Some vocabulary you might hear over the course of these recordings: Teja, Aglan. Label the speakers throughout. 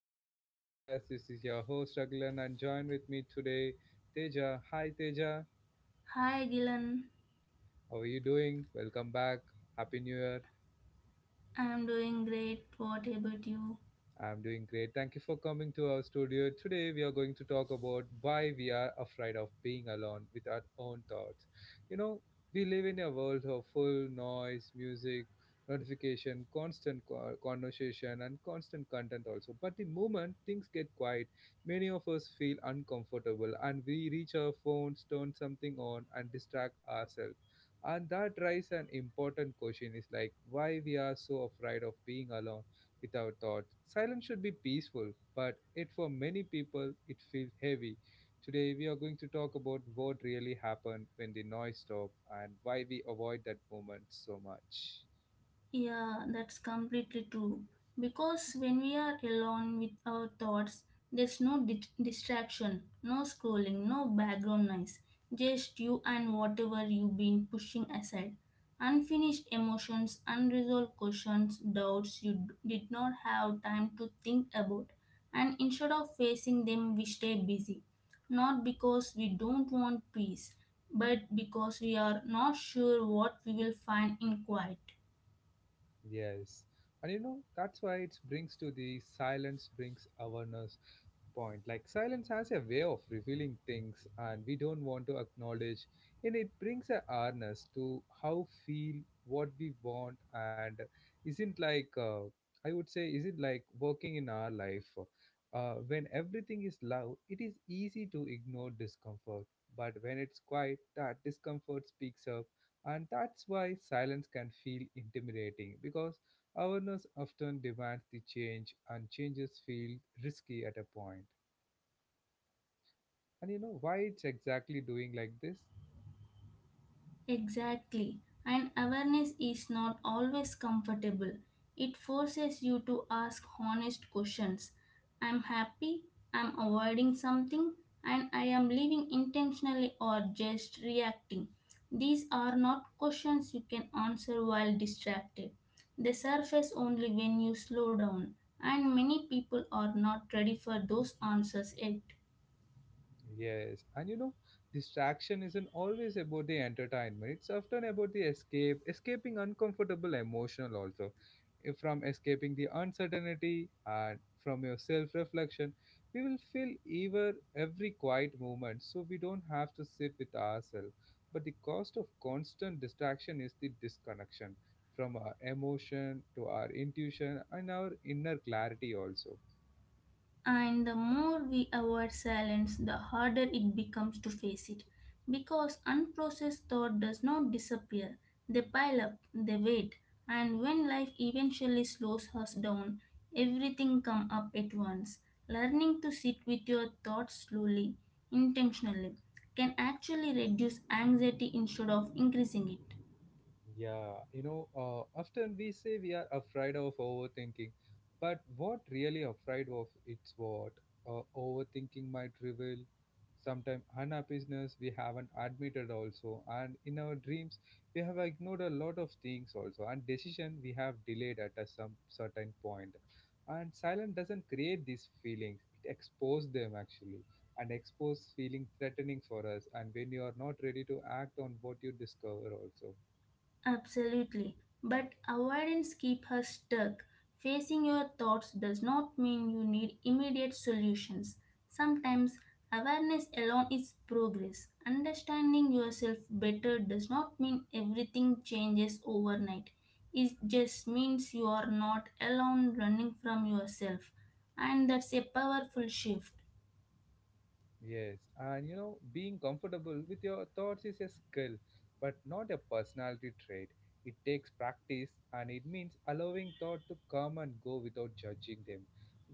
Speaker 1: episode of my podcast. This is your host Aglan and join with me today Teja. Hi Teja,
Speaker 2: Hi Dylan,
Speaker 1: how are you doing? Welcome back. Happy New Year.
Speaker 2: I'm doing great. What about you?
Speaker 1: I'm doing great. Thank you for coming to our studio. Today, we are going to talk about why we are afraid of being alone with our own thoughts. You know, we live in a world of full noise, music, notification, constant conversation, and constant content also. But the moment things get quiet, many of us feel uncomfortable and we reach our phones, turn something on, and distract ourselves. And that raises an important question is like why we are so afraid of being alone without thought. Silence should be peaceful, but it for many people it feels heavy. Today we are going to talk about what really happened when the noise stopped and why we avoid that moment so much.
Speaker 2: Yeah, that's completely true. Because when we are alone with our thoughts, there's no distraction, no scrolling, no background noise, just you and whatever you've been pushing aside. Unfinished emotions, unresolved questions, doubts you did not have time to think about. And instead of facing them, we stay busy. Not because we don't want peace, but because we are not sure what we will find in quiet.
Speaker 1: Yes. And you know, that's why it brings to the silence brings awareness point. Like silence has a way of revealing things and we don't want to acknowledge and it brings a awareness to how feel what we want and isn't like I would say isn't like working in our life. When everything is loud, it is easy to ignore discomfort. But when it's quiet, that discomfort speaks up and that's why silence can feel intimidating because awareness often demands the change and changes feel risky at a point. And you know why it's exactly doing like this?
Speaker 2: Exactly. And awareness is not always comfortable. It forces you to ask honest questions. I'm happy, I'm avoiding something, and I am living intentionally or just reacting. These are not questions you can answer while distracted. They surface only when you slow down, and many people are not ready for those answers yet.
Speaker 1: Yes, and you know, distraction isn't always about the entertainment. It's often about the escape, escaping uncomfortable emotional also, From escaping the uncertainty and from your self-reflection. We will feel every quiet moment, so we don't have to sit with ourselves. But the cost of constant distraction is the disconnection from our emotion to our intuition and our inner clarity also.
Speaker 2: And the more we avoid silence, the harder it becomes to face it. Because unprocessed thought does not disappear, they pile up, they wait, and when life eventually slows us down, everything comes up at once. Learning to sit with your thoughts slowly, intentionally, can actually reduce anxiety instead of increasing it.
Speaker 1: Yeah, you know, often we say we are afraid of overthinking, but what really afraid of it's what overthinking might reveal. Sometimes unhappiness we haven't admitted also, and in our dreams we have ignored a lot of things also, and decision we have delayed at a some certain point. And silence doesn't create these feelings; it exposes them actually, and expose feeling threatening for us. And when you are not ready to act on what you discover also.
Speaker 2: Absolutely. But avoidance keeps her stuck. Facing your thoughts does not mean you need immediate solutions. Sometimes awareness alone is progress. Understanding yourself better does not mean everything changes overnight. It just means you are not alone running from yourself. And that's a powerful shift.
Speaker 1: Yes, and you know, being comfortable with your thoughts is a skill, but not a personality trait. It takes practice and it means allowing thought to come and go without judging them,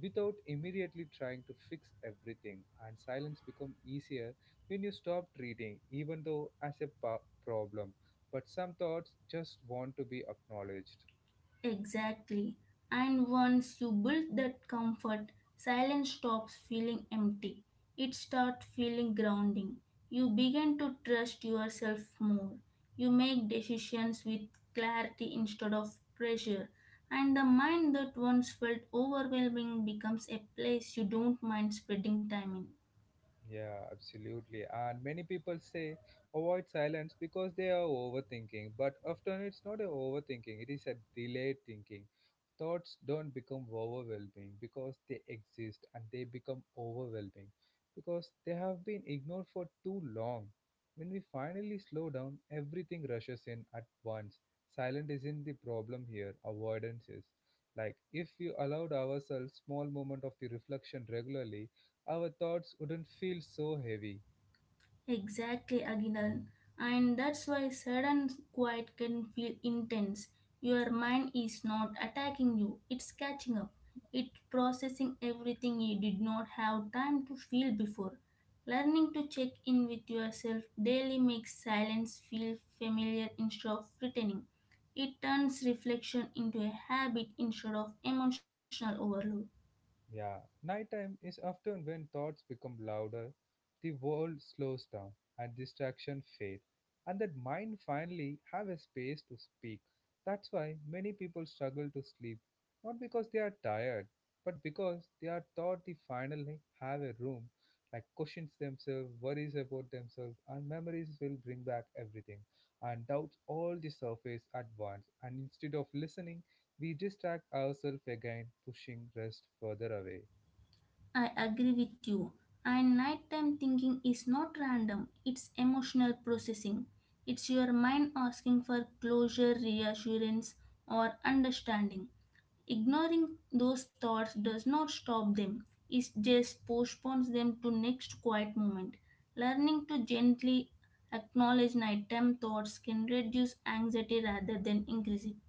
Speaker 1: without immediately trying to fix everything. And silence becomes easier when you stop treating, even though as a problem. But some thoughts just want to be acknowledged.
Speaker 2: Exactly. And once you build that comfort, silence stops feeling empty. It starts feeling grounding. You begin to trust yourself more. You make decisions with clarity instead of pressure. And the mind that once felt overwhelming becomes a place you don't mind spending time in.
Speaker 1: Yeah, absolutely. And many people say avoid silence because they are overthinking, but often it's not a overthinking, it is a delayed thinking. Thoughts don't become overwhelming because they exist and they become overwhelming because they have been ignored for too long. When we finally slow down, everything rushes in at once. Silence isn't the problem here, avoidance is. Like, if you allowed ourselves small moment of the reflection regularly, our thoughts wouldn't feel so heavy.
Speaker 2: Exactly, Aguinal. And that's why sudden quiet can feel intense. Your mind is not attacking you, it's catching up. It's processing everything you did not have time to feel before. Learning to check in with yourself daily makes silence feel familiar instead of threatening. It turns reflection into a habit instead of emotional overload.
Speaker 1: Yeah, nighttime is often when thoughts become louder, the world slows down, and distraction fade, and that mind finally have a space to speak. That's why many people struggle to sleep, not because they are tired, but because they are taught they finally have a room, like questions themselves, worries about themselves, and memories will bring back everything, and doubts all the surface at once. And instead of listening we distract ourselves again, pushing rest further away.
Speaker 2: I agree with you. And nighttime thinking is not random, it's emotional processing. It's your mind asking for closure, reassurance, or understanding. Ignoring those thoughts does not stop them, it just postpones them to next quiet moment. Learning to gently acknowledge nighttime thoughts can reduce anxiety rather than increase it.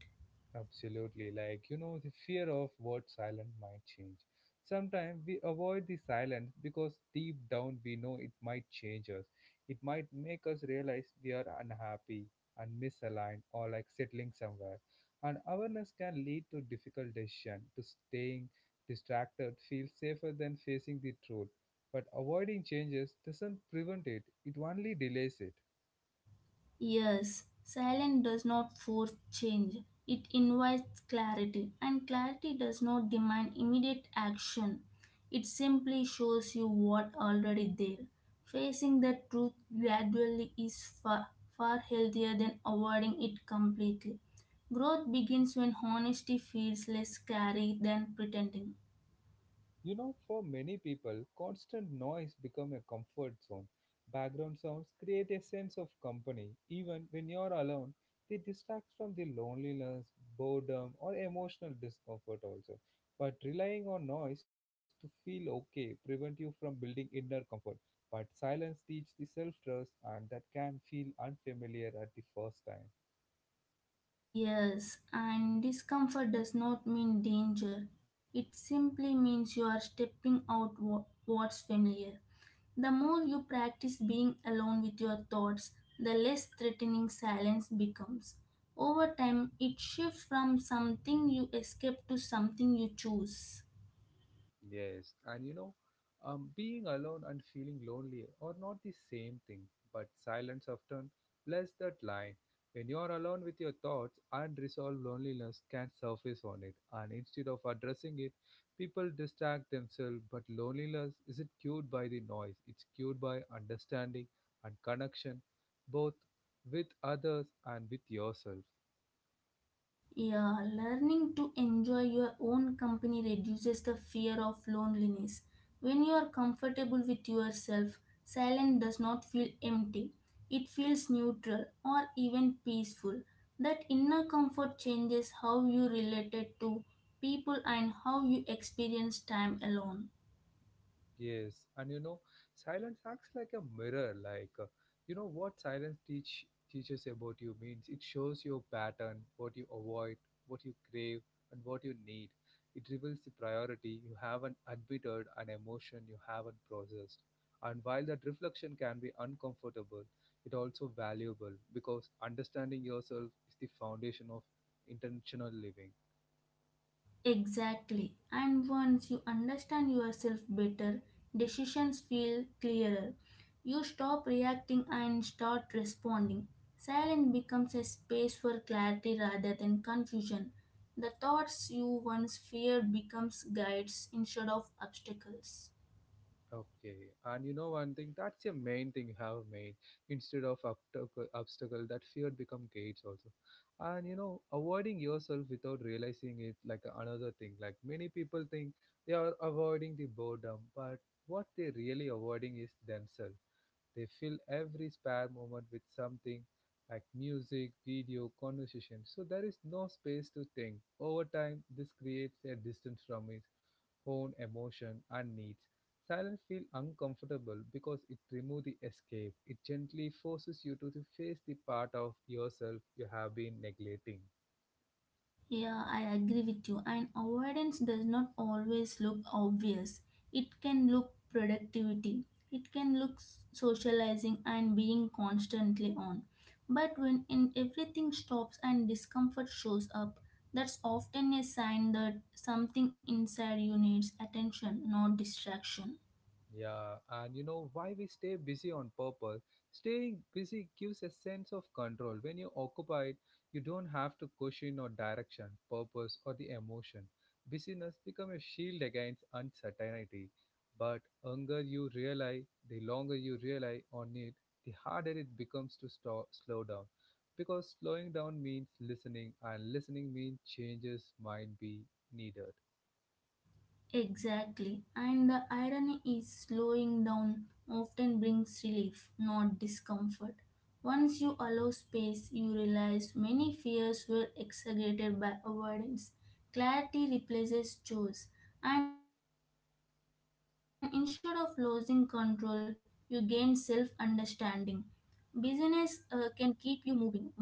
Speaker 1: Absolutely, like you know, the fear of what silent might change. Sometimes we avoid the silence because deep down we know it might change us. It might make us realize we are unhappy and misaligned or like settling somewhere. And awareness can lead to difficult decision. To staying distracted feels safer than facing the truth. But avoiding changes doesn't prevent it, it only delays it.
Speaker 2: Yes, silence does not force change. It invites clarity, and clarity does not demand immediate action. It simply shows you what already there. Facing the truth gradually is far, far healthier than avoiding it completely. Growth begins when honesty feels less scary than pretending.
Speaker 1: You know, for many people, constant noise become a comfort zone. Background sounds create a sense of company. Even when you're alone, they distract from the loneliness, boredom, or emotional discomfort also. But relying on noise to feel okay prevent you from building inner comfort. But silence teach the self-trust and that can feel unfamiliar at the first time.
Speaker 2: Yes, and discomfort does not mean danger. It simply means you are stepping out what's familiar. The more you practice being alone with your thoughts, the less threatening silence becomes. Over time, it shifts from something you escape to something you choose.
Speaker 1: Yes, and you know, being alone and feeling lonely are not the same thing, but silence often blurs that line. When you're alone with your thoughts, unresolved loneliness can surface on it, and instead of addressing it, people distract themselves. But loneliness isn't cured by the noise, it's cured by understanding and connection, both with others and with yourself.
Speaker 2: Yeah, learning to enjoy your own company reduces the fear of loneliness. When you are comfortable with yourself, silence does not feel empty. It feels neutral or even peaceful. That inner comfort changes how you related to people and how you experience time alone.
Speaker 1: Yes, and you know, silence acts like a mirror. Like, you know, what silence teaches about you means it shows your pattern, what you avoid, what you crave, and what you need. It reveals the priority you haven't admitted, an emotion you haven't processed. And while that reflection can be uncomfortable, it also valuable because understanding yourself is the foundation of intentional living.
Speaker 2: Exactly. And once you understand yourself better, decisions feel clearer. You stop reacting and start responding. Silence becomes a space for clarity rather than confusion. The thoughts you once feared becomes guides instead of obstacles.
Speaker 1: Okay, and you know one thing, that's the main thing you have made. Instead of obstacle, obstacle, that fear become gates also. And you know, avoiding yourself without realizing it, like another thing. Like many people think they are avoiding the boredom, but what they really avoiding is themselves. They fill every spare moment with something like music, video, conversation. So there is no space to think. Over time, this creates a distance from it own emotion and needs. Silence feels uncomfortable because it removes the escape. It gently forces you to face the part of yourself you have been neglecting.
Speaker 2: Yeah, I agree with you. And avoidance does not always look obvious. It can look productivity. It can look socializing and being constantly on. But when in everything stops and discomfort shows up, that's often a sign that something inside you needs attention, not distraction.
Speaker 1: Yeah, and you know why we stay busy on purpose? Staying busy gives a sense of control. When you're occupied, you don't have to question or direction, purpose, or the emotion. Busyness becomes a shield against uncertainty. But longer you rely, the longer you rely on it, the harder it becomes to stop, slow down. Because slowing down means listening, and listening means changes might be needed.
Speaker 2: Exactly. And the irony is slowing down often brings relief, not discomfort. Once you allow space, you realize many fears were exaggerated by avoidance. Clarity replaces choice, and instead of losing control, you gain self understanding. Busyness can keep you moving, but silence helps you grow.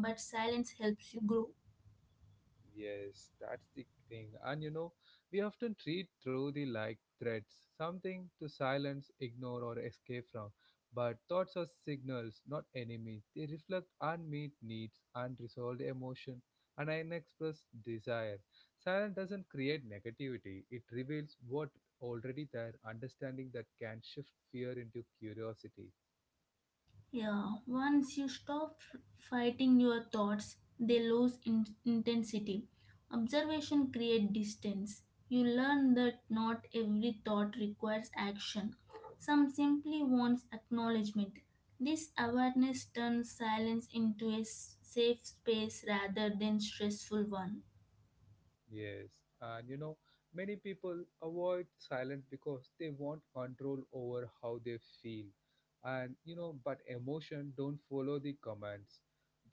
Speaker 1: Yes, that's the thing. And you know, we often treat through the like threats, something to silence, ignore, or escape from. But thoughts are signals, not enemies. They reflect unmet needs, unresolved emotion, and unexpressed desire. Silence doesn't create negativity, it reveals what already there, understanding that can shift fear into curiosity.
Speaker 2: Yeah, once you stop fighting your thoughts, they lose intensity. Observation creates distance. You learn that not every thought requires action. Some simply wants acknowledgement. This awareness turns silence into a safe space rather than stressful one.
Speaker 1: Yes, and you know, many people avoid silence because they want control over how they feel. And you know, but emotion don't follow the commands.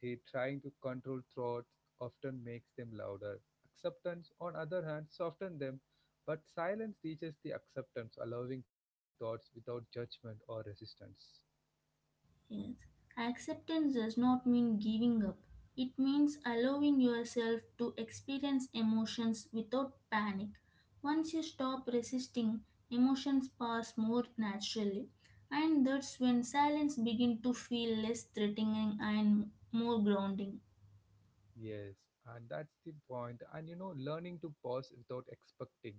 Speaker 1: They trying to control thoughts often makes them louder. Acceptance, on other hand, soften them, but silence teaches the acceptance, allowing thoughts without judgment or resistance.
Speaker 2: Yes. Acceptance does not mean giving up. It means allowing yourself to experience emotions without panic. Once you stop resisting, emotions pass more naturally. And that's when silence begins to feel less threatening and more grounding.
Speaker 1: Yes, and that's the point. And you know, learning to pause without expecting,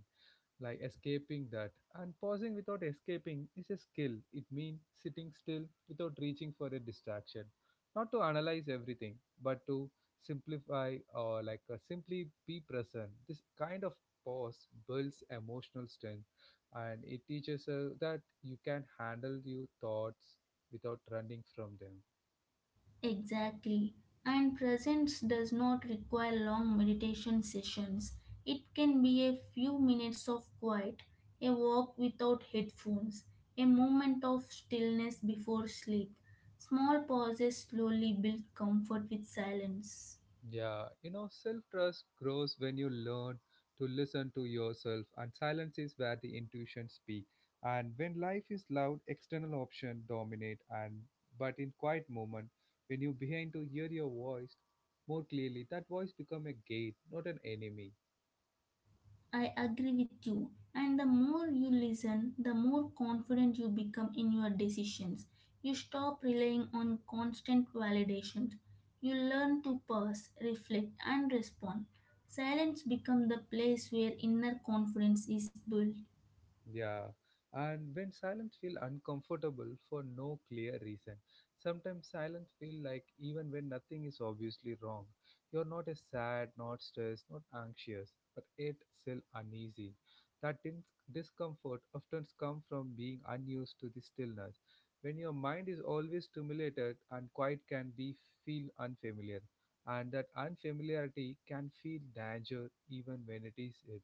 Speaker 1: like escaping that. And pausing without escaping is a skill. It means sitting still without reaching for a distraction. Not to analyze everything, but to simplify or like simply be present. This kind of pause builds emotional strength and it teaches us that you can handle your thoughts without running from them.
Speaker 2: Exactly. And presence does not require long meditation sessions. It can be a few minutes of quiet, a walk without headphones, a moment of stillness before sleep. Small pauses slowly build comfort with silence.
Speaker 1: Yeah, you know, self trust grows when you learn to listen to yourself, and silence is where the intuition speak. And when life is loud, external options dominate. And but in quiet moment, when you begin to hear your voice more clearly, that voice become a gate, not an enemy.
Speaker 2: I agree with you. And the more you listen, the more confident you become in your decisions. You stop relying on constant validation. You learn to pause, reflect, and respond. Silence becomes the place where inner confidence is built.
Speaker 1: Yeah, and when silence feel uncomfortable for no clear reason. Sometimes silence feel like even when nothing is obviously wrong. You're not as sad, not stressed, not anxious, but yet still uneasy. That discomfort often comes from being unused to the stillness. When your mind is always stimulated and quiet can be feel unfamiliar, and that unfamiliarity can feel danger even when it is it.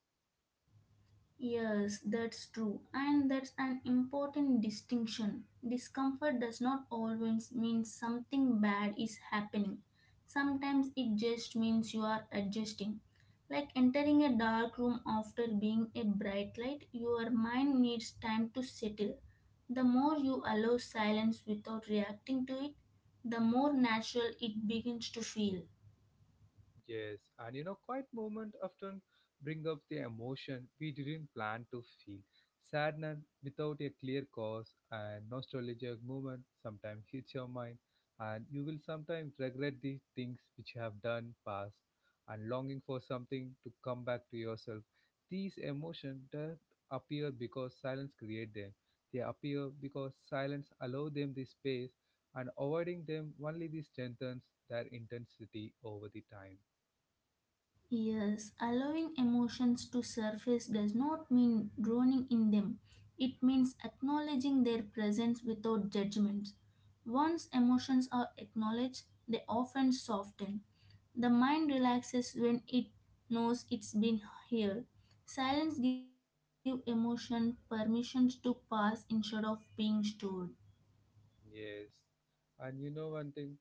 Speaker 2: Yes, that's true, and that's an important distinction. Discomfort does not always mean something bad is happening, sometimes it just means you are adjusting. Like entering a dark room after being a bright light, your mind needs time to settle. The more you allow silence without reacting to it, the more natural it begins to feel.
Speaker 1: Yes, and you know, quiet moment often bring up the emotion we didn't plan to feel. Sadness without a clear cause and nostalgic moment sometimes hits your mind, and you will sometimes regret the things which you have done past, and longing for something to come back to yourself. These emotions don't appear because silence create them. They appear because silence allow them the space, and avoiding them only the strengthens their intensity over the time.
Speaker 2: Yes, allowing emotions to surface does not mean drowning in them. It means acknowledging their presence without judgment. Once emotions are acknowledged, they often soften. The mind relaxes when it knows it's been here. Silence gives emotion permission to pass instead of being stored.
Speaker 1: Yes. And you know one thing?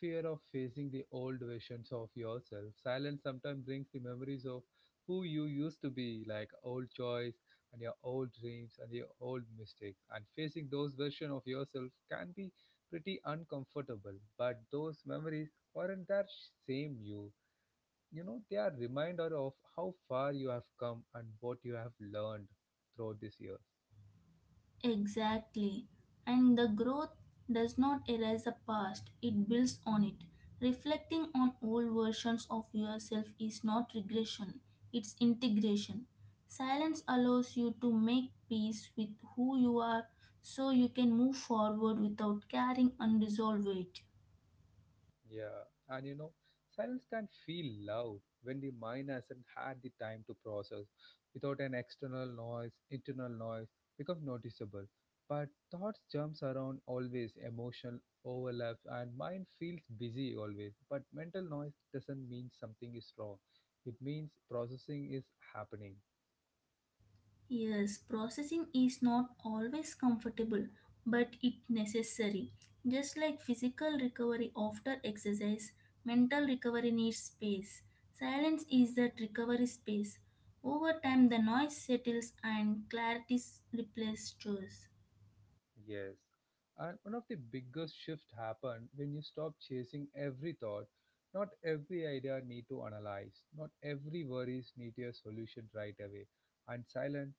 Speaker 1: Fear of facing the old versions of yourself. Silence sometimes brings the memories of who you used to be, like old choice and your old dreams and your old mistakes. And facing those versions of yourself can be pretty uncomfortable. But those memories aren't that same you. You know, they are reminder of how far you have come and what you have learned throughout this year.
Speaker 2: Exactly. And the growth does not erase the past, it builds on it. Reflecting on old versions of yourself is not regression, it's integration. Silence allows you to make peace with who you are so you can move forward without carrying unresolved weight.
Speaker 1: Yeah, and you know, silence can feel loud when the mind hasn't had the time to process. Without an external noise, internal noise becomes noticeable. But thoughts jumps around always, emotional overlaps, and mind feels busy always. But mental noise doesn't mean something is wrong. It means processing is happening.
Speaker 2: Yes, processing is not always comfortable, but it necessary. Just like physical recovery after exercise, mental recovery needs space. Silence is that recovery space. Over time, the noise settles and clarity replaces chores.
Speaker 1: Yes. And one of the biggest shift happened when you stop chasing every thought. Not every idea need to analyze. Not every worries need a solution right away. And silence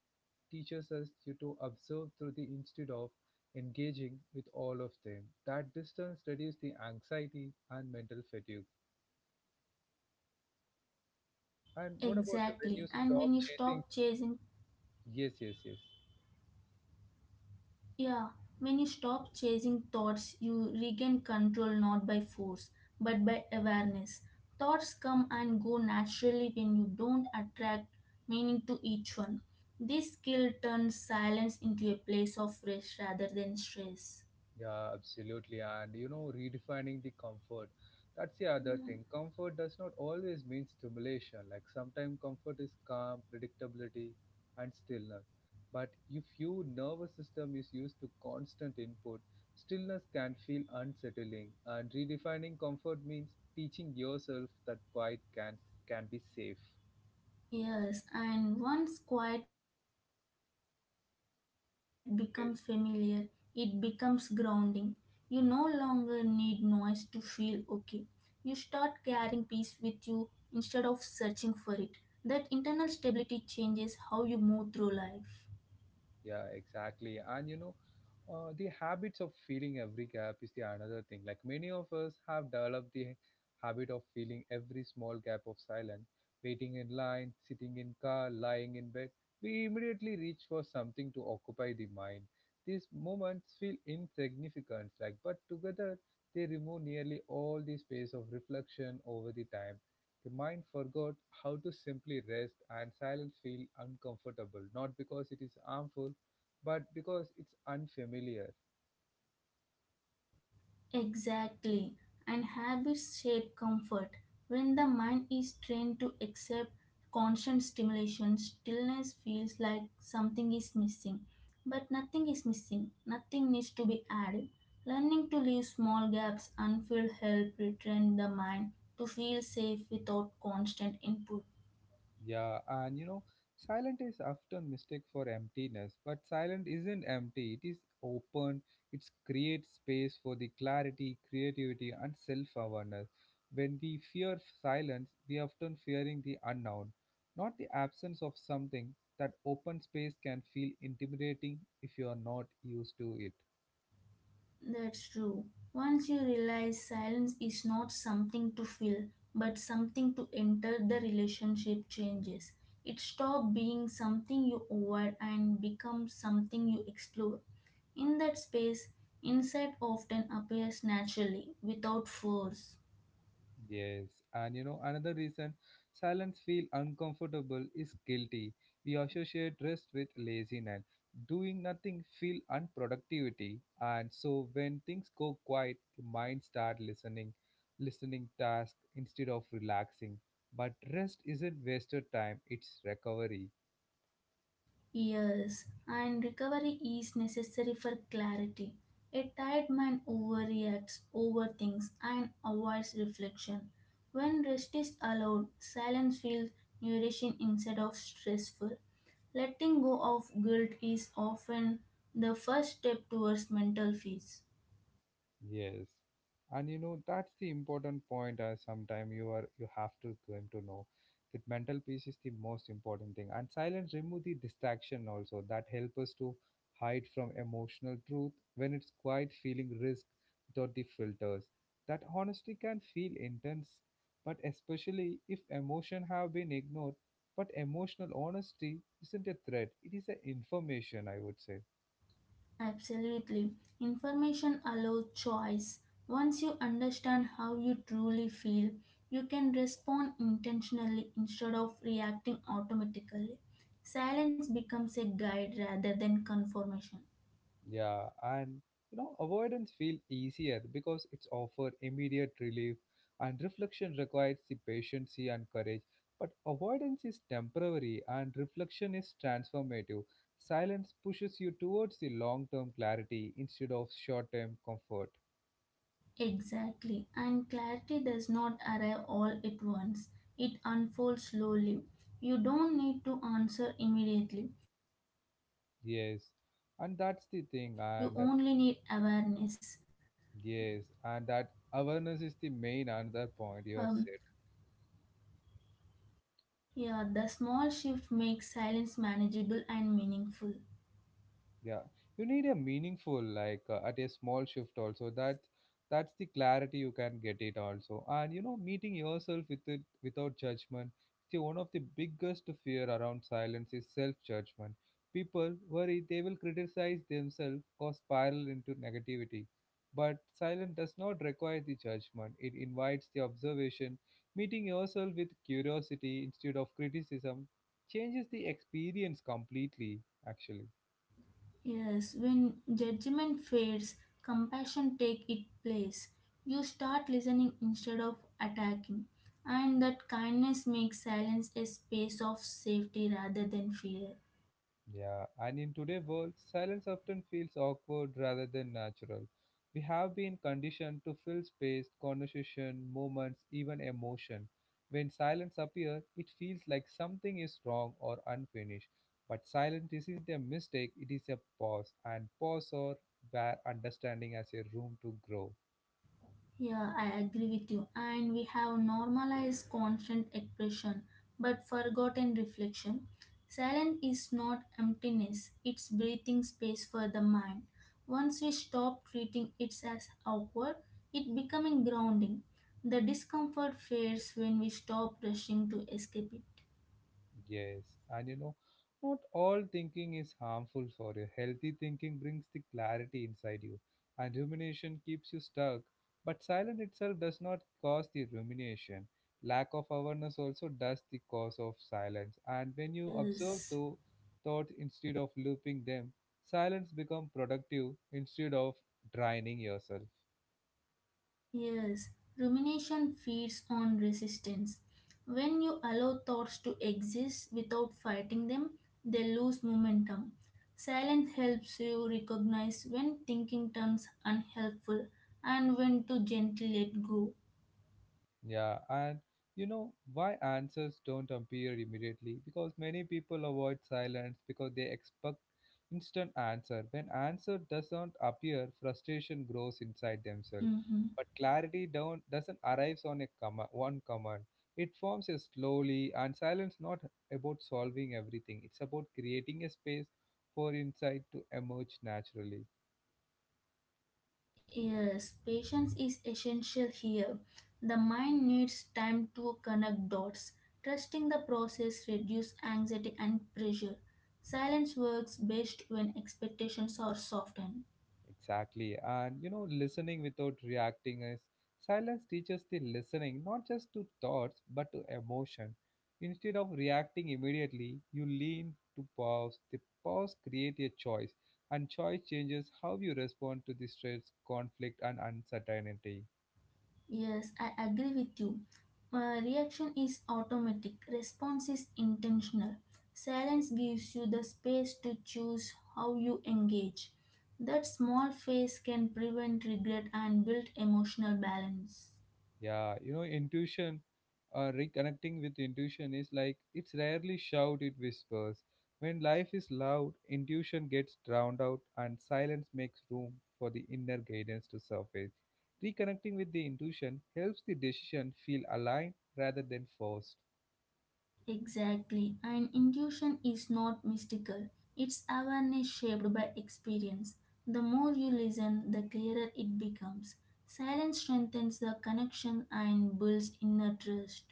Speaker 1: teaches us you to observe through the instead of engaging with all of them. That distance reduces the anxiety and mental fatigue.
Speaker 2: Exactly. And when you
Speaker 1: And what
Speaker 2: stop
Speaker 1: about when
Speaker 2: chasing.
Speaker 1: you stop chasing? Yes, yes, yes.
Speaker 2: Yeah, when you stop chasing thoughts, you regain control not by force but by awareness. Thoughts come and go naturally when you don't attract meaning to each one. This skill turns silence into a place of rest rather than stress.
Speaker 1: Yeah, absolutely. And you know, redefining the comfort. That's the other thing. Comfort does not always mean stimulation. Like sometimes comfort is calm, predictability, and stillness. But if your nervous system is used to constant input, stillness can feel unsettling. And redefining comfort means teaching yourself that quiet can be safe.
Speaker 2: Yes, and once quiet becomes familiar, it becomes grounding.
Speaker 1: Yes.
Speaker 2: You no longer need noise to feel okay. You start carrying peace with you instead of searching for it. That internal stability changes how you move through life.
Speaker 1: Yeah, exactly. And you know, the habits of feeling every gap is the another thing. Like many of us have developed the habit of feeling every small gap of silence, waiting in line, sitting in car, lying in bed. We immediately reach for something to occupy the mind. These moments feel insignificant, like but together they remove nearly all the space of reflection over the time. The mind forgot how to simply rest and silence feel uncomfortable, not because it is harmful but because it's unfamiliar.
Speaker 2: Exactly, and habits shape comfort. When the mind is trained to accept constant stimulation, stillness feels like something is missing. But nothing is missing, nothing needs to be added. Learning to leave small gaps unfilled help retrain the mind to feel safe without constant input.
Speaker 1: Yeah, and you know, silent is often mistake for emptiness, but silent isn't empty. It is open. It creates space for the clarity, creativity, and self-awareness. When we fear silence, we often fearing the unknown, not the absence of something. That open space can feel intimidating if you are not used to it.
Speaker 2: That's true. Once you realize silence is not something to fill, but something to enter, the relationship changes. It stops being something you avoid and becomes something you explore. In that space, insight often appears naturally, without force.
Speaker 1: Yes, and you know another reason silence feel uncomfortable is guilty. We associate rest with laziness. Doing nothing feel unproductivity, and so when things go quiet, the mind start listening, listening task instead of relaxing. But rest isn't wasted time; it's recovery.
Speaker 2: Yes, and recovery is necessary for clarity. A tired mind overreacts, overthinks, and avoids reflection. When rest is allowed, silence feels nourishing instead of stressful. Letting go of guilt is often the first step towards mental peace.
Speaker 1: Yes, and you know that's the important point. I sometime you are you have to going to know that mental peace is the most important thing, and silence remove the distraction also that help us to hide from emotional truth when it's quite feeling risk without the filters. That honesty can feel intense, but especially if emotion have been ignored. But emotional honesty isn't a threat; it is an information, I would say.
Speaker 2: Absolutely. Information allows choice. Once you understand how you truly feel, you can respond intentionally instead of reacting automatically. Silence becomes a guide rather than confirmation.
Speaker 1: Yeah, and you know, avoidance feel easier because it's offer immediate relief and reflection requires the patience and courage. But avoidance is temporary and reflection is transformative. Silence pushes you towards the long-term clarity instead of short-term comfort.
Speaker 2: Exactly. And clarity does not arrive all at once, it unfolds slowly. You don't need to answer
Speaker 1: Yes.
Speaker 2: immediately,
Speaker 1: And that's the thing.
Speaker 2: you
Speaker 1: And
Speaker 2: only need awareness.
Speaker 1: yes, and that awareness is the main
Speaker 2: Um,
Speaker 1: another point you have said.
Speaker 2: Yeah, the small shift makes silence manageable and meaningful.
Speaker 1: Yeah, you need a meaningful like at a small shift also that that's the clarity you can get it also. And you know, meeting yourself with it without judgment, see one of the biggest fear around silence is self judgment. People worry they will criticize themselves or spiral into negativity, but silence does not require the judgment, it invites the observation. Meeting yourself with curiosity instead of criticism changes the experience completely, actually.
Speaker 2: Yes, when judgment fades, compassion take its place. You start listening instead of attacking, and that kindness makes silence a space of safety rather than fear.
Speaker 1: Yeah, and in today's world, silence often feels awkward rather than natural. We have been conditioned to fill space, conversation, moments, even emotion. When silence appears, it feels like something is wrong or unfinished. But silence isn't a mistake, it is a pause, and pause or bare understanding as a room to grow.
Speaker 2: Yeah, I agree with you. And we have normalized constant expression but forgotten reflection. Silence is not emptiness, it's breathing space for the mind. Once we stop treating it as awkward, it becoming grounding. The discomfort fades when we stop rushing to escape it.
Speaker 1: Yes, and you know, not all thinking is harmful for you. Healthy thinking brings the clarity inside you, and rumination keeps you stuck. But silence itself does not cause the rumination. Lack of awareness also does the cause of silence. And when you observe
Speaker 2: Yes.
Speaker 1: the thoughts instead of looping them, silence become productive instead of draining yourself.
Speaker 2: Yes, rumination feeds on resistance. When you allow thoughts to exist without fighting them, they lose momentum. Silence helps you recognize when thinking turns unhelpful and when to gently let go.
Speaker 1: Yeah, and you know, why answers don't appear immediately? Because many people avoid silence because they expect instant answer. When answer doesn't appear, frustration grows inside themselves. But
Speaker 2: Mhm.
Speaker 1: clarity don't doesn't arrive on a comma, one command. It forms a slowly and silence not about solving everything. It's about creating a space for insight to emerge naturally.
Speaker 2: Yes, patience is essential here. The mind needs time to connect dots. Trusting the process reduces anxiety and pressure. Silence works best when expectations are softened.
Speaker 1: Exactly. And you know, listening without reacting is silence teaches the listening not just to thoughts but to emotion. Instead of reacting immediately, you lean to pause. The pause creates a choice, and choice changes how you respond to the stress, conflict, and uncertainty.
Speaker 2: Yes, I agree with you. Reaction is automatic, response is intentional. Silence gives you the space to choose how you engage. That small phase can prevent regret and build emotional balance.
Speaker 1: Yeah, you know, intuition, reconnecting with intuition is like it's rarely shout, it whispers. When life is loud, intuition gets drowned out and silence makes room for the inner guidance to surface. Reconnecting with the intuition helps the decision feel aligned rather than forced.
Speaker 2: Exactly, and intuition is not mystical. It's awareness shaped by experience. The more you listen, the clearer it becomes. Silence strengthens the connection and builds inner trust.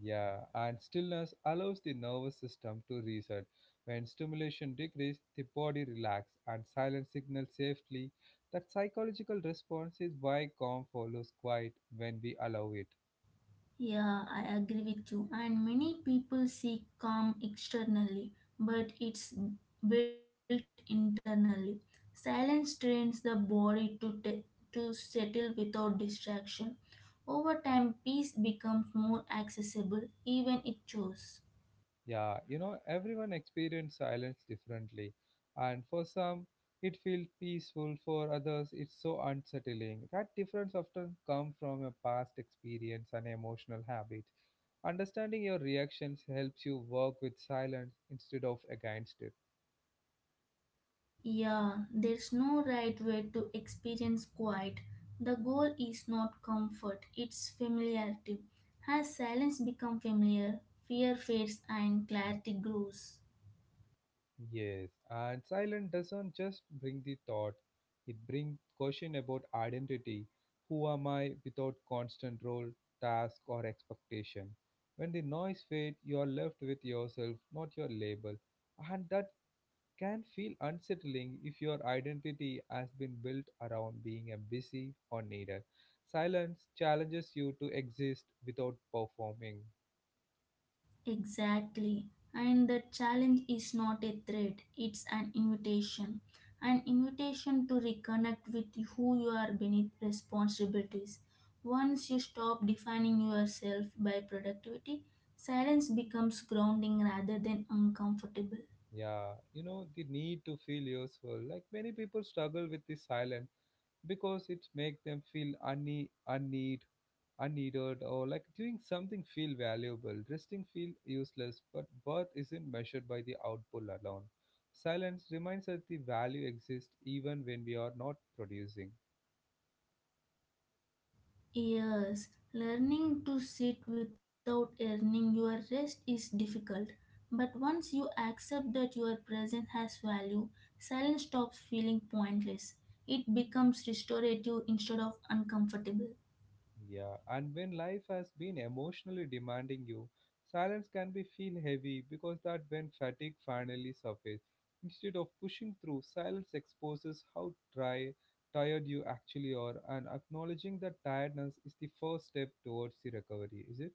Speaker 1: Yeah, and stillness allows the nervous system to reset. When stimulation decreases, the body relaxes and silence signals safely. That psychological response is why calm follows quiet when we allow it.
Speaker 2: Yeah, I agree with you. And many people seek calm externally, but it's built internally. Silence trains the body to, to settle without distraction. Over time, peace becomes more accessible, even it chose.
Speaker 1: Yeah, you know, everyone experiences silence differently, and for some, it feels peaceful, for others, it's so unsettling. That difference often comes from a past experience and emotional habit. Understanding your reactions helps you work with silence instead of against it.
Speaker 2: Yeah, there's no right way to experience quiet. The goal is not comfort, it's familiarity. As silence becomes familiar, fear fades and clarity grows.
Speaker 1: Yes, and silence doesn't just bring the thought, it brings question about identity. Who am I without constant role, task, or expectation? When the noise fades, you are left with yourself, not your label. And that can feel unsettling if your identity has been built around being a busy or needed. Silence challenges you to exist without performing.
Speaker 2: Exactly. And the challenge is not a threat, it's an invitation. An invitation to reconnect with who you are beneath responsibilities. Once you stop defining yourself by productivity, silence becomes grounding rather than uncomfortable.
Speaker 1: Yeah, you know, the need to feel useful. Like many people struggle with the silence because it make them feel unneed unneeded or like doing something feel valuable, resting feel useless, but worth isn't measured by the output alone. Silence reminds us the value exists even when we are not producing.
Speaker 2: Yes, learning to sit without earning your rest is difficult, but once you accept that your presence has value, silence stops feeling pointless. It becomes restorative instead of uncomfortable.
Speaker 1: Yeah, and when life has been emotionally demanding you, silence can be feel heavy because that when fatigue finally surfaces, instead of pushing through, silence exposes how dry, tired you actually are, and acknowledging that tiredness is the first step towards the recovery. Is it?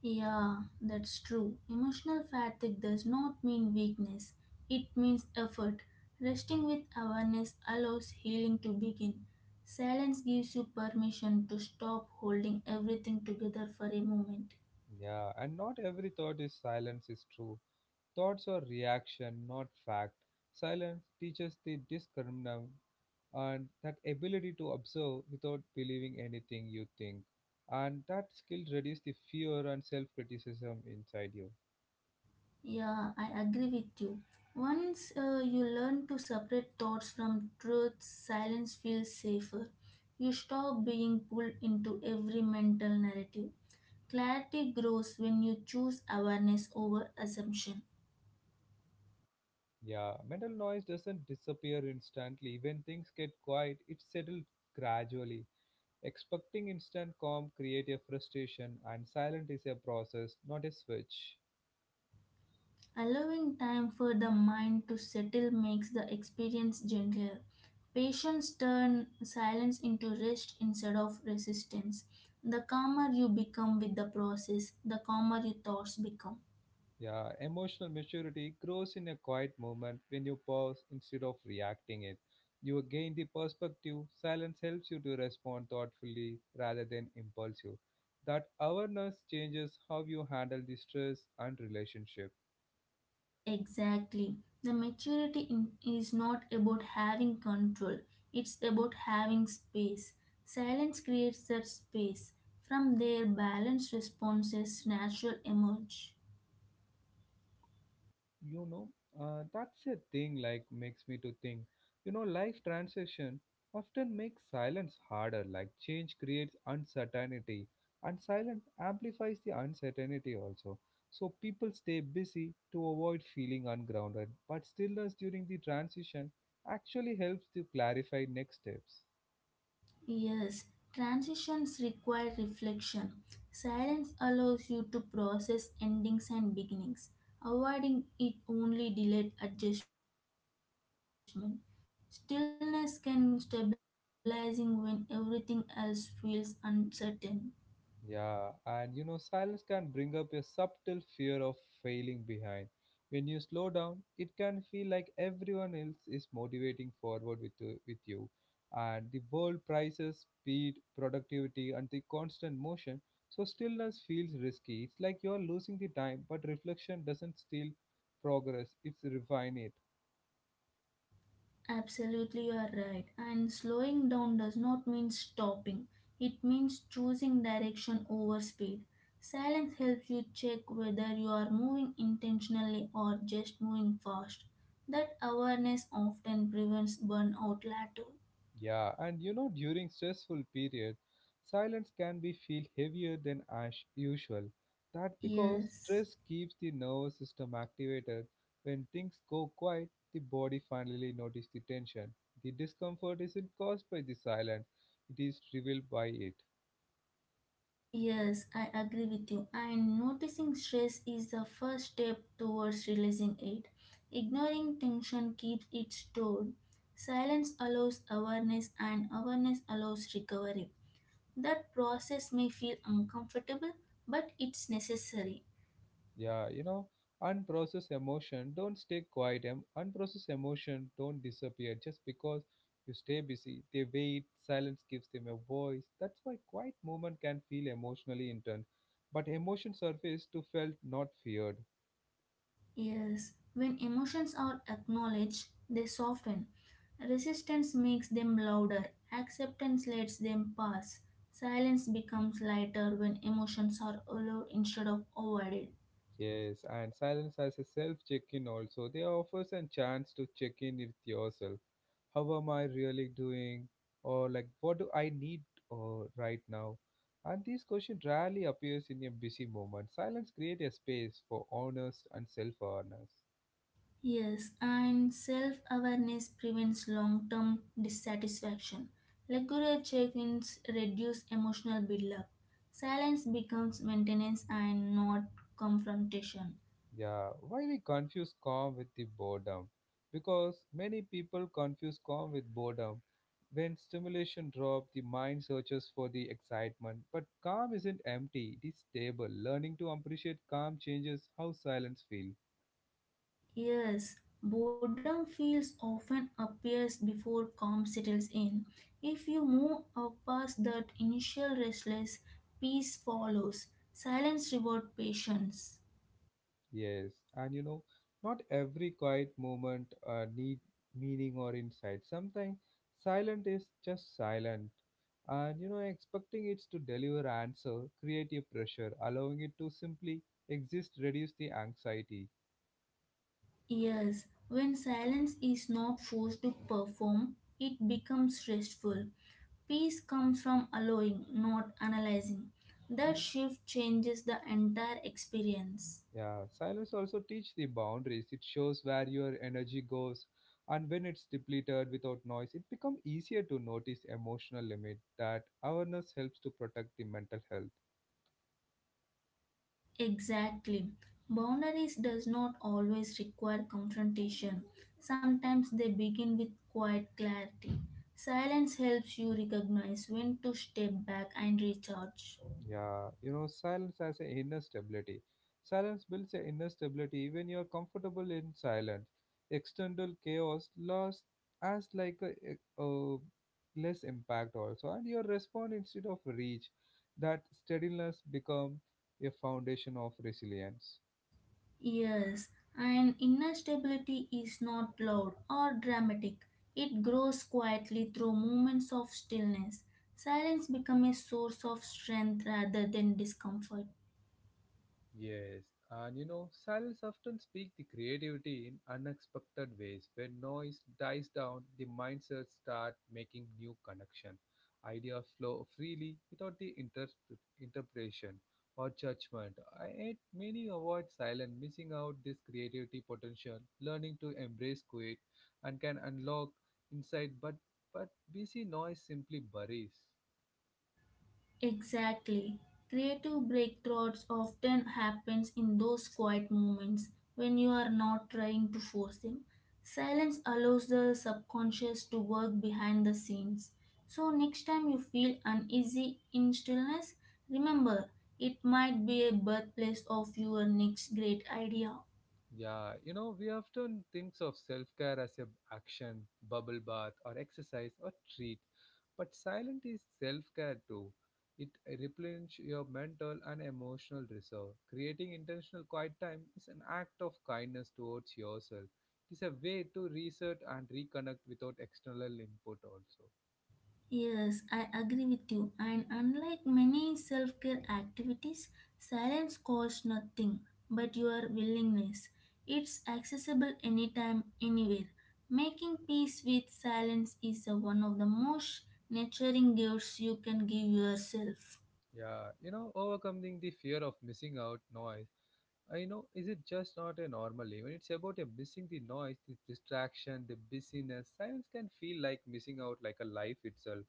Speaker 2: Yeah, that's true. Emotional fatigue does not mean weakness, it means effort. Resting with awareness allows healing to begin. Silence gives you permission to stop holding everything together for a moment.
Speaker 1: Yeah, and not every thought is silence is true. Thoughts are reaction, not fact. Silence teaches the discriminant and that ability to observe without believing anything you think. And that skill reduces the fear and self criticism inside you.
Speaker 2: Yeah, I agree with you. Once you learn to separate thoughts from truth, silence feels safer. You stop being pulled into every mental narrative. Clarity grows when you choose awareness over assumption.
Speaker 1: Yeah, mental noise doesn't disappear instantly. When things get quiet, it settles gradually. Expecting instant calm creates a frustration, and silence is a process, not a switch.
Speaker 2: Allowing time for the mind to settle makes the experience gentler. Patience turn silence into rest instead of resistance. The calmer you become with the process, the calmer your thoughts become.
Speaker 1: Yeah, emotional maturity grows in a quiet moment when you pause instead of reacting it. You gain the perspective. Silence helps you to respond thoughtfully rather than impulsive. That awareness changes how you handle the stress and relationship.
Speaker 2: Exactly. The maturity in, is not about having control, it's about having space. Silence creates that space. From there, balanced responses natural emerge.
Speaker 1: You know, that's a thing like makes me to think, you know, life transition often makes silence harder. Like change creates uncertainty and silence amplifies the uncertainty also, so people stay busy to avoid feeling ungrounded, but stillness during the transition actually helps to clarify next steps.
Speaker 2: Yes, transitions require reflection. Silence allows you to process endings and beginnings. Avoiding it only delayed adjustment. Stillness can be stabilizing when everything else feels uncertain.
Speaker 1: Yeah, and you know, silence can bring up a subtle fear of failing behind. When you slow down, it can feel like everyone else is motivating forward with you. And the world prizes speed, productivity, and the constant motion, so stillness feels risky. It's like you're losing the time, but reflection doesn't steal progress, it's refine it.
Speaker 2: Absolutely, you are right. And slowing down does not mean stopping, it means choosing direction over speed. Silence helps you check whether you are moving intentionally or just moving fast. That awareness often prevents burnout later.
Speaker 1: Yeah, and you know, during stressful period, silence can be feel heavier than as usual. That because
Speaker 2: Yes.
Speaker 1: stress keeps the nervous system activated. When things go quiet, the body finally notices the tension. The discomfort isn't caused by the silence; it is revealed by it.
Speaker 2: Yes, I agree with you. And noticing stress is the first step towards releasing it. Ignoring tension keeps it stored. Silence allows awareness, and awareness allows recovery. That process may feel uncomfortable, but it's necessary.
Speaker 1: Yeah, you know, unprocessed emotion don't stay quiet. Unprocessed emotion don't disappear just because you stay busy. They wait, silence gives them a voice. That's why quiet movement can feel emotionally intense. But emotion surface to felt not feared.
Speaker 2: Yes, when emotions are acknowledged, they soften. Resistance makes them louder, acceptance lets them pass. Silence becomes lighter when emotions are allowed instead of avoided.
Speaker 1: Yes, and silence has a self check in also. They offers a chance to check in with yourself. How am I really doing? Or like what do I need right now? And this question rarely appears in a busy moment. Silence creates a space for honest and self awareness.
Speaker 2: Yes, and self awareness prevents long term dissatisfaction. Regular check ins reduce emotional buildup. Silence becomes maintenance and not confrontation.
Speaker 1: Yeah, why we confuse calm with the boredom? Because many people confuse calm with boredom. When stimulation drops, the mind searches for the excitement, but calm isn't empty, it is stable. Learning to appreciate calm changes how silence feels.
Speaker 2: Yes, boredom feels often appears before calm settles in. If you move past that initial restless, peace follows. Silence rewards patience.
Speaker 1: Yes, and you know, not every quiet moment need meaning or insight. Sometimes silent is just silent, and you know, expecting it to deliver answer, creative pressure, allowing it to simply exist, reduce the anxiety.
Speaker 2: Yes, when silence is not forced to perform, it becomes restful. Peace comes from allowing, not analyzing. That shift changes the entire experience.
Speaker 1: Yeah, silence also teach the boundaries. It shows where your energy goes, and when it's depleted without noise, it become easier to notice emotional limit. That awareness helps to protect the mental health.
Speaker 2: Exactly. Boundaries does not always require confrontation. Sometimes they begin with quiet clarity. Silence helps you recognize when to step back and recharge.
Speaker 1: Yeah, you know, silence has an inner stability. Silence builds an inner stability. Even you are comfortable in silence, external chaos lost as like a less impact also, and your response instead of reach. That steadiness become a foundation of resilience.
Speaker 2: Yes, and inner stability is not loud or dramatic. It grows quietly through moments of stillness. Silence becomes a source of strength rather than discomfort.
Speaker 1: Yes, and you know, silence often speaks the creativity in unexpected ways. When noise dies down, the mindset start making new connection. Ideas flow freely without the interpretation or judgment. I yet many avoid silence, missing out this creativity potential. Learning to embrace quiet and can unlock insight, but but busy noise simply buries.
Speaker 2: Exactly. Creative breakthroughs often happens in those quiet moments when you are not trying to force them. Silence allows the subconscious to work behind the scenes. So next time you feel uneasy in stillness, remember it might be a birthplace of your next great idea.
Speaker 1: Yeah, you know, we often thinks of self-care as a action, bubble bath or exercise or treat. But silent is self-care too. It replenishes your mental and emotional reserve. Creating intentional quiet time is an act of kindness towards yourself. It is a way to reset and reconnect without external input also.
Speaker 2: Yes, I agree with you. And unlike many self care activities, silence costs nothing but your willingness. It's accessible anytime, anywhere. Making peace with silence is one of the most nurturing gifts you can give yourself.
Speaker 1: Yeah, you know, overcoming the fear of missing out noise, I know, is it just not a normal event? It's about a missing the noise, the distraction, the busyness. Silence can feel like missing out like a life itself.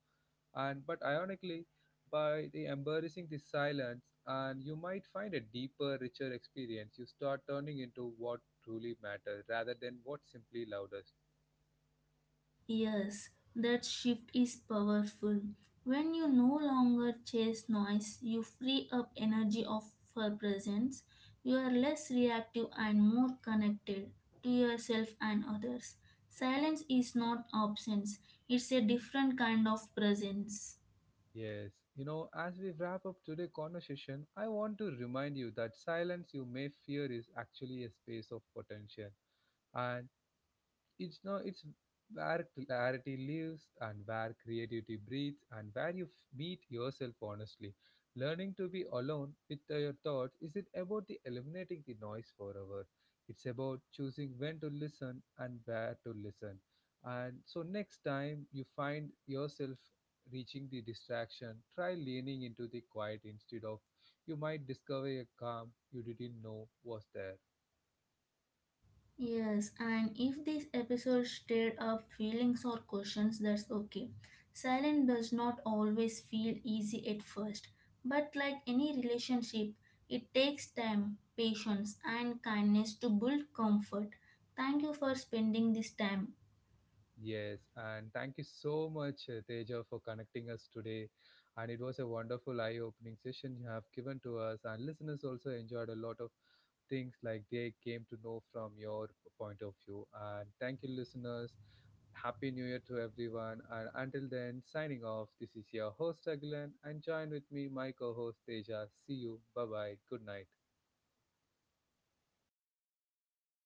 Speaker 1: And but ironically, by the embarrassing the silence, and you might find a deeper, richer experience. You start turning into what truly matters rather than what's simply loudest.
Speaker 2: Yes, that shift is powerful. When you no longer chase noise, you free up energy of for presence. You are less reactive and more connected to yourself and others. Silence is not absence, it's a different kind of presence.
Speaker 1: Yes, you know, as we wrap up today's conversation, I want to remind you that silence you may fear is actually a space of potential. And it's no it's where clarity lives and where creativity breathes and where you meet yourself honestly. Learning to be alone with your thoughts isn't about the eliminating the noise forever, it's about choosing when to listen and where to listen. And so next time you find yourself reaching the distraction, try leaning into the quiet instead of, you might discover a calm you didn't know was there.
Speaker 2: Yes, and if this episode stirred up feelings or questions, that's okay. Silence does not always feel easy at first, but like any relationship, it takes time, patience, and kindness to build comfort. Thank you for spending this time.
Speaker 1: Yes, and thank you so much, Teja, for connecting us today. And it was a wonderful eye-opening session you have given to us, and listeners also enjoyed a lot of things like they came to know from your point of view. And thank you, listeners. Happy New Year to everyone. And until then, signing off. This is your host Agilan, and join with me, my co-host Teja. See you. Bye bye. Good night.